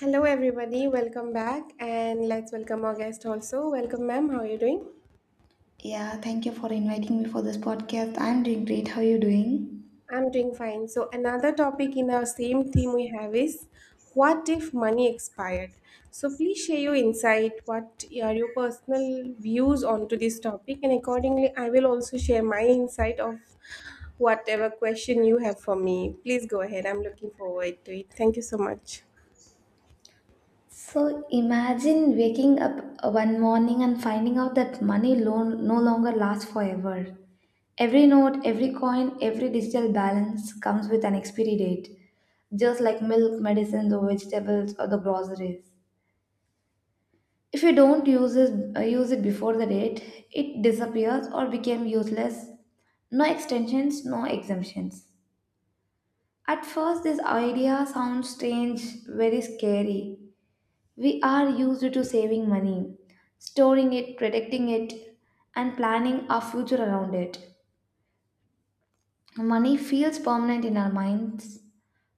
Hello, everybody. Welcome back, and let's welcome our guest also. Welcome, ma'am. How are you doing? Yeah, thank you for inviting me for this podcast. I'm doing great. How are you doing? I'm doing fine. So, another topic in our same theme we have is what if money expired? So, please share your insight. What are your personal views onto this topic? And accordingly, I will also share my insight of whatever question you have for me. Please go ahead. I'm looking forward to it. Thank you so much. So imagine waking up one morning and finding out that money loan no longer lasts forever. Every note, every coin, every digital balance comes with an expiry date, just like milk, medicines, or vegetables, or the groceries. If you don't use it before the date, it disappears or became useless. No extensions, no exemptions. At first, this idea sounds strange, very scary. We are used to saving money, storing it, protecting it, and planning our future around it. Money feels permanent in our minds,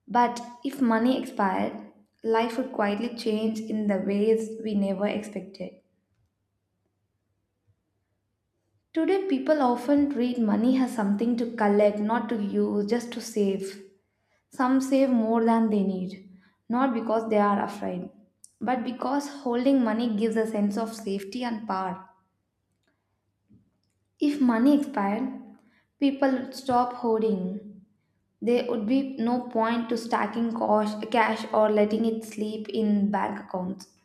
but if money expired, life would quietly change in the ways we never expected. Today, people often treat money as something to collect, not to use, just to save. Some save more than they need, not because they are afraid, but because holding money gives a sense of safety and power. If money expired, people would stop hoarding. There would be no point to stacking cash or letting it sleep in bank accounts.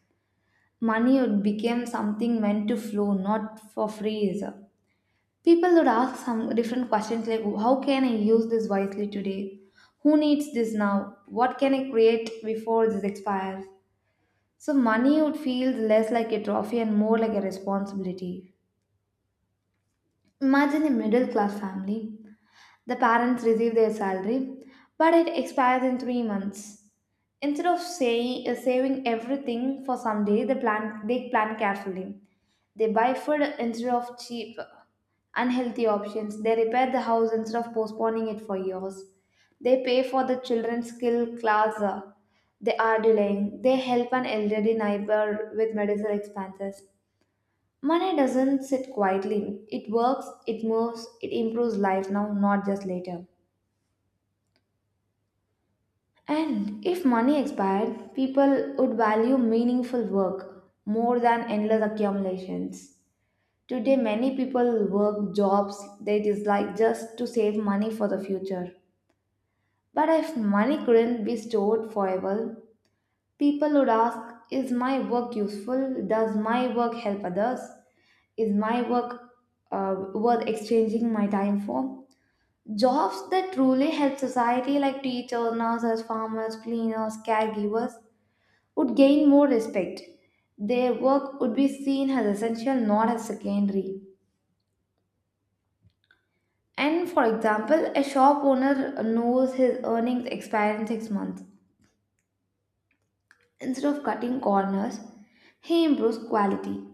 Money would become something meant to flow, not for freeze. People would ask some different questions like, how can I use this wisely today? Who needs this now? What can I create before this expires? So money would feel less like a trophy and more like a responsibility. Imagine a middle class family. The parents receive their salary, but it expires in 3 months. Instead of saving everything for someday, they plan carefully. They buy food instead of cheap, unhealthy options. They repair the house instead of postponing it for years. They pay for the children's skill class they are delaying. They help an elderly neighbor with medical expenses. Money doesn't sit quietly. It works, it moves, it improves life now, not just later. And if money expired, people would value meaningful work more than endless accumulations. Today, many people work jobs they dislike just to save money for the future. But if money couldn't be stored forever, people would ask, is my work useful? Does my work help others? Is my work worth exchanging my time for? Jobs that truly help society, like teachers, nurses, farmers, cleaners, caregivers, would gain more respect. Their work would be seen as essential, not as secondary. And for example, a shop owner knows his earnings expire in 6 months. Instead of cutting corners, he improves quality.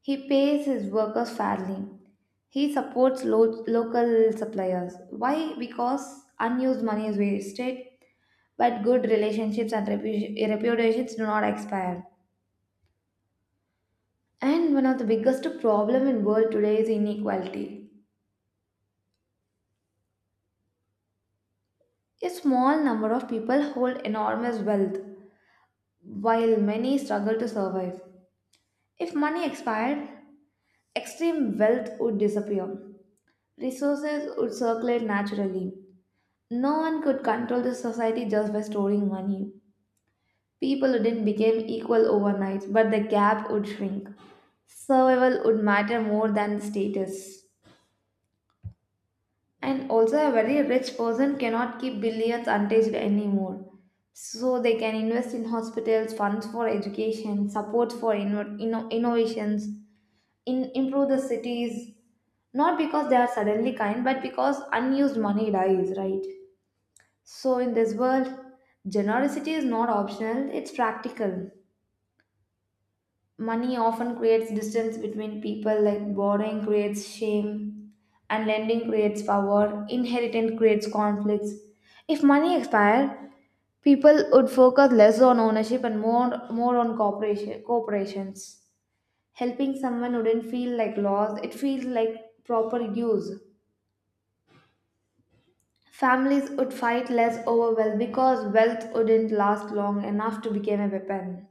He pays his workers fairly. He supports local suppliers. Why? Because unused money is wasted, but good relationships and reputations do not expire. And one of the biggest problem in world today is inequality. A small number of people hold enormous wealth, while many struggle to survive. If money expired, extreme wealth would disappear. Resources would circulate naturally. No one could control the society just by storing money. People wouldn't become equal overnight, but the gap would shrink. Survival would matter more than status. And also, a very rich person cannot keep billions untouched anymore. So, they can invest in hospitals, funds for education, support for innovations, improve the cities. Not because they are suddenly kind, but because unused money dies, right? So, in this world, generosity is not optional, it's practical. Money often creates distance between people, like borrowing creates shame and lending creates power, inheritance creates conflicts. If money expired, people would focus less on ownership and more on cooperation, corporations. Helping someone wouldn't feel like loss, it feels like proper use. Families would fight less over wealth because wealth wouldn't last long enough to become a weapon.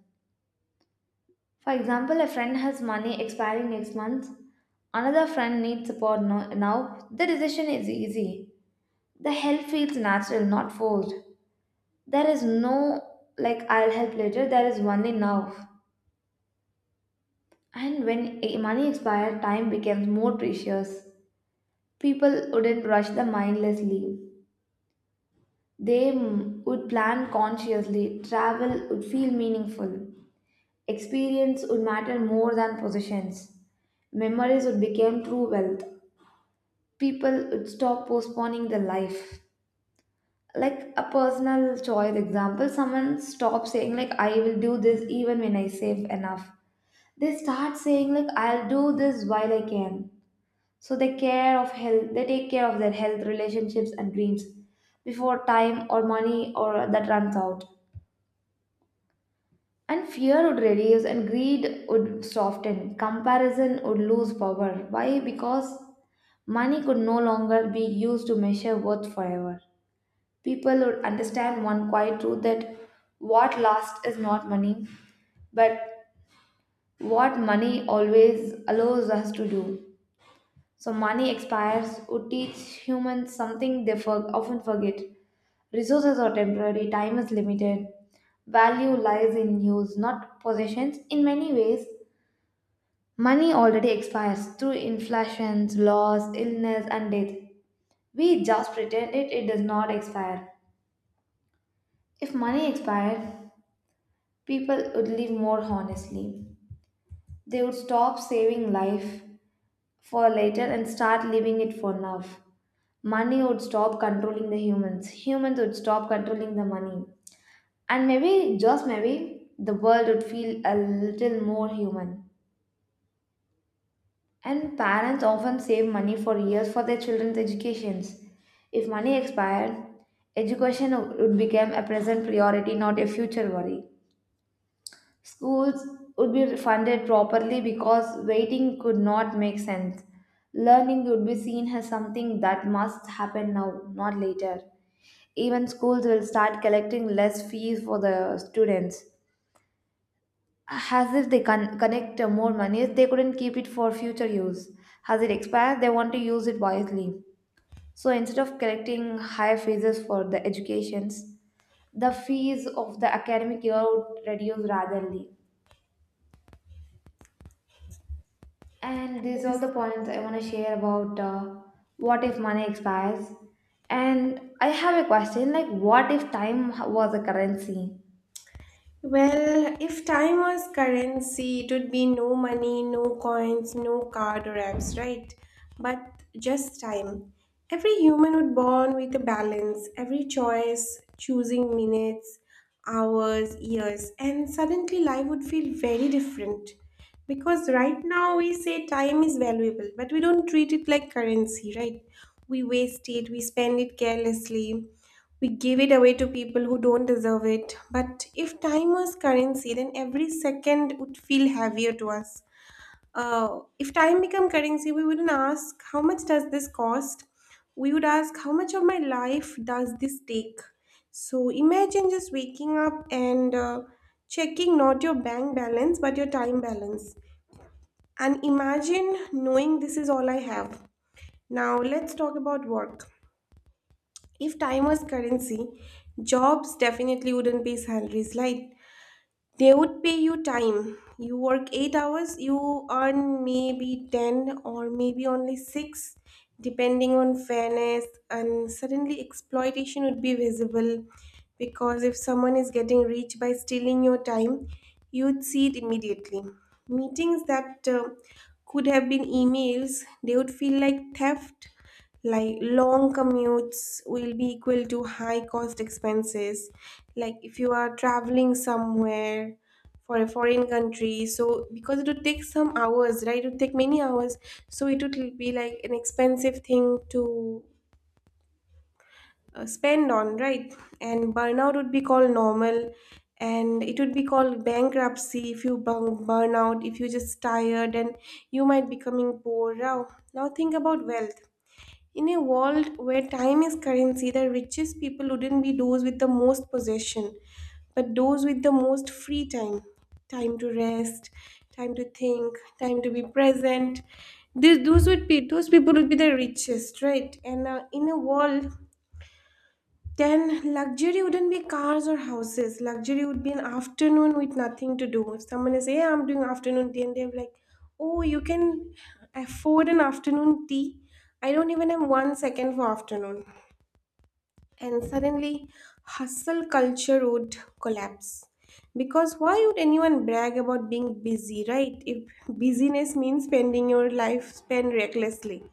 For example, a friend has money expiring next month, another friend needs support now. The decision is easy. The help feels natural, not forced. There is no like I'll help later, there is only now. And when money expires, time becomes more precious. People wouldn't rush the mindlessly. They would plan consciously. Travel would feel meaningful. Experience would matter more than possessions. Memories would become true wealth. People would stop postponing their life, like a personal choice example, someone stops saying like I will do this even when I save enough. They start saying like I'll do this while I can. So they care of health, they take care of their health, relationships and dreams before time or money or that runs out. And fear would reduce and greed would soften, comparison would lose power. Why? Because money could no longer be used to measure worth forever. People would understand one quiet truth, that what lasts is not money, but what money always allows us to do. So, money expires would teach humans something they often forget. Resources are temporary, time is limited. Value lies in use, not possessions. In many ways, money already expires through inflations, loss, illness, and death. We just pretend it, does not expire. If money expired, people would live more honestly. They would stop saving life for later and start living it for now. Money would stop controlling the humans. Humans would stop controlling the money. And maybe, just maybe, the world would feel a little more human. And parents often save money for years for their children's educations. If money expired, education would become a present priority, not a future worry. Schools would be funded properly because waiting could not make sense. Learning would be seen as something that must happen now, not later. Even schools will start collecting less fees for the students. As if they can connect more money, if they couldn't keep it for future use. As it expires, they want to use it wisely. So instead of collecting higher fees for the educations, the fees of the academic year would reduce rapidly. And these are all Yes, the points I want to share about what if money expires. And I have a question like, what if time was a currency? well, if time was currency, it would be no money, no coins, no card or apps, right? But just time. Every human would born with a balance, every choice, choosing minutes, hours, years, and suddenly life would feel very different. Because right now we say time is valuable, but we don't treat it like currency, right? We waste it, we spend it carelessly, we give it away to people who don't deserve it. But if time was currency, then every second would feel heavier to us. If time become currency, we wouldn't ask how much does this cost. We would ask how much of my life does this take. So imagine just waking up and checking not your bank balance but your time balance. And imagine knowing this is all I have. Now let's talk about work. If time was currency, jobs definitely wouldn't be salaries, right? They would pay you time. You work eight hours, you earn maybe 10 or maybe only six, depending on fairness. And suddenly, exploitation would be visible because if someone is getting rich by stealing your time, you'd see it immediately. Meetings that could have been emails, they would feel like theft, like long commutes will be equal to high cost expenses, like if you are traveling somewhere for a foreign country, so because it would take some hours, right, it would take many hours, so it would be like an expensive thing to spend on, right. And burnout would be called normal, and it would be called bankruptcy if you burn out, if you're just tired and you might becoming poor now. Now think about wealth. In a world where time is currency, the richest people wouldn't be those with the most possession, but those with the most free time. Time to rest, time to think, time to be present. This, those would be, those people would be the richest, right? And in a world then luxury wouldn't be cars or houses. Luxury would be an afternoon with nothing to do. If someone is, hey, I'm doing afternoon tea, and they're like, oh, you can afford an afternoon tea. I don't even have one second for afternoon. And suddenly, hustle culture would collapse. Because why would anyone brag about being busy, right? If busyness means spending your life spent recklessly.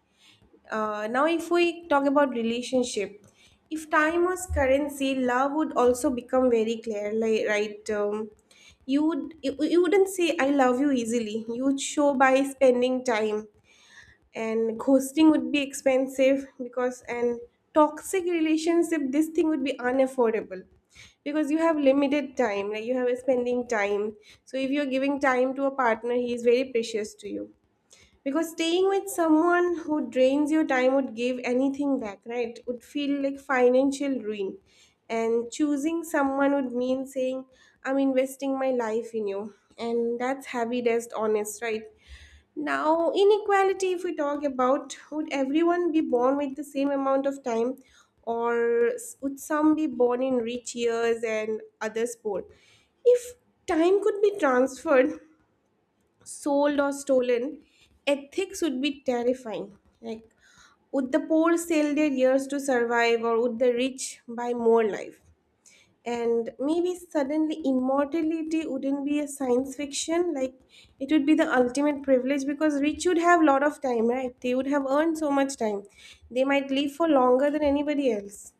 Now, if we talk about relationship, if time was currency, love would also become very clear, like, right? You would you wouldn't say I love you easily. You would show by spending time, and ghosting would be expensive, because and toxic relationship, this thing would be unaffordable, because you have limited time, like you have a spending time. So if you're giving time to a partner, he is very precious to you, because staying with someone who drains your time would give anything back, right? Would feel like financial ruin. And choosing someone would mean saying, I'm investing my life in you. And that's heavy, that's honest, right? Now, inequality, if we talk about, would everyone be born with the same amount of time, or would some be born in rich years and others poor? If time could be transferred, sold or stolen, ethics would be terrifying. Like, would the poor sell their years to survive, or would the rich buy more life? And maybe suddenly immortality wouldn't be a science fiction. Like, it would be the ultimate privilege because rich would have a lot of time, right? They would have earned so much time. They might live for longer than anybody else.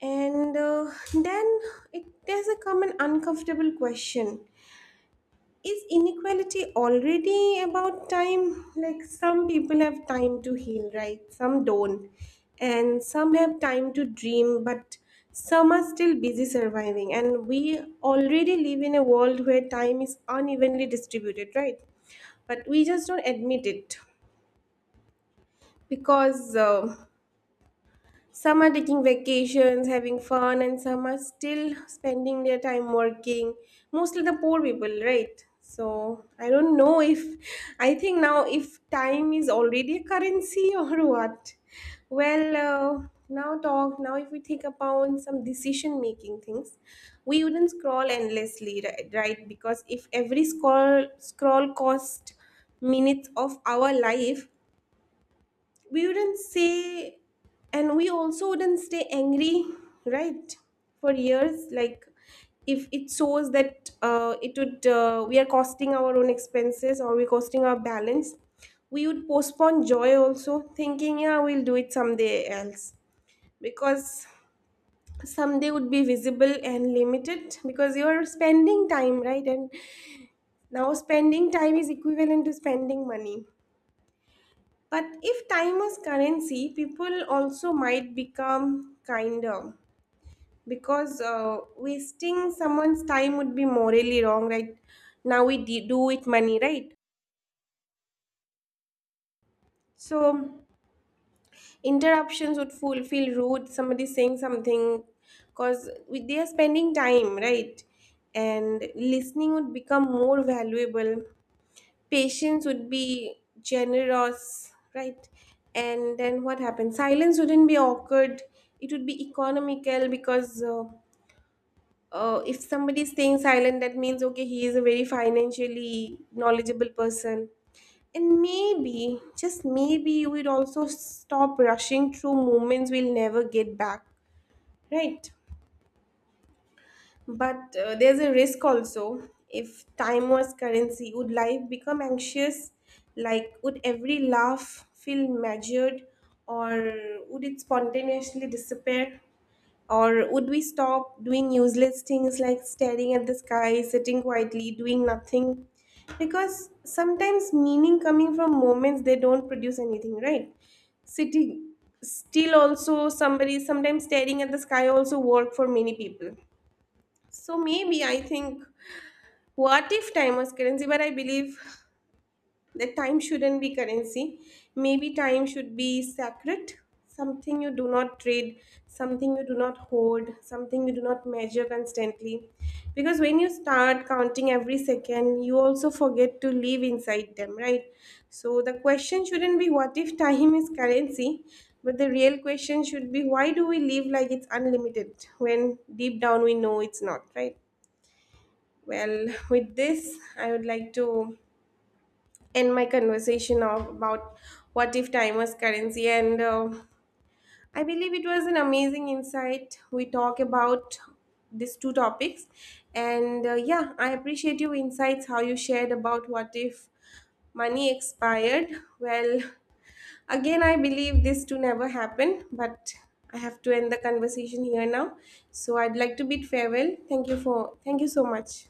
And then there's a come an uncomfortable question. Is inequality already about time? Like some people have time to heal, right? Some don't. And some have time to dream, but some are still busy surviving. And we already live in a world where time is unevenly distributed, right? But we just don't admit it because. Some are taking vacations, having fun, and some are still spending their time working. Mostly the poor people, right? So I don't know if I think now if time is already a currency or what. Well, now if we think about some decision making things, we wouldn't scroll endlessly, right? Because if every scroll cost minutes of our life, we wouldn't say, and we also wouldn't stay angry, right, for years, like if it shows that it would we are costing our own expenses or we're costing our balance, we would postpone joy also thinking yeah we'll do it someday else, because someday would be visible and limited because you're spending time, right. And now spending time is equivalent to spending money, but if time is currency, people also might become kinder, because wasting someone's time would be morally wrong, right? Now we do with money, right? So interruptions would feel rude. Somebody saying something because they are spending time, right? And listening would become more valuable, patience would be generous, right? And then what happens? Silence wouldn't be awkward. It would be economical because if somebody is staying silent, that means okay, he is a very financially knowledgeable person. And maybe, just maybe, you would also stop rushing through moments we'll never get back, right? But there's a risk also. If time was currency, would life become anxious? Like, would every laugh feel measured, or would it spontaneously disappear? Or would we stop doing useless things like staring at the sky, sitting quietly, doing nothing? Because sometimes meaning coming from moments they don't produce anything, right? Sitting still also, somebody sometimes staring at the sky also work for many people. So maybe I think, what if time was currency? But I believe that time shouldn't be currency. Maybe time should be sacred, something you do not trade, something you do not hoard, something you do not measure constantly. Because when you start counting every second, you also forget to live inside them, right? So the question shouldn't be what if time is currency, but the real question should be why do we live like it's unlimited when deep down we know it's not, right? Well, with this, I would like to end my conversation of, about what if time was currency. And I believe it was an amazing insight. We talk about these two topics. And yeah, I appreciate your insights, how you shared about what if money expired. Well, again, I believe this to never happen, but I have to end the conversation here now. So I'd like to bid farewell. Thank you for thank you so much.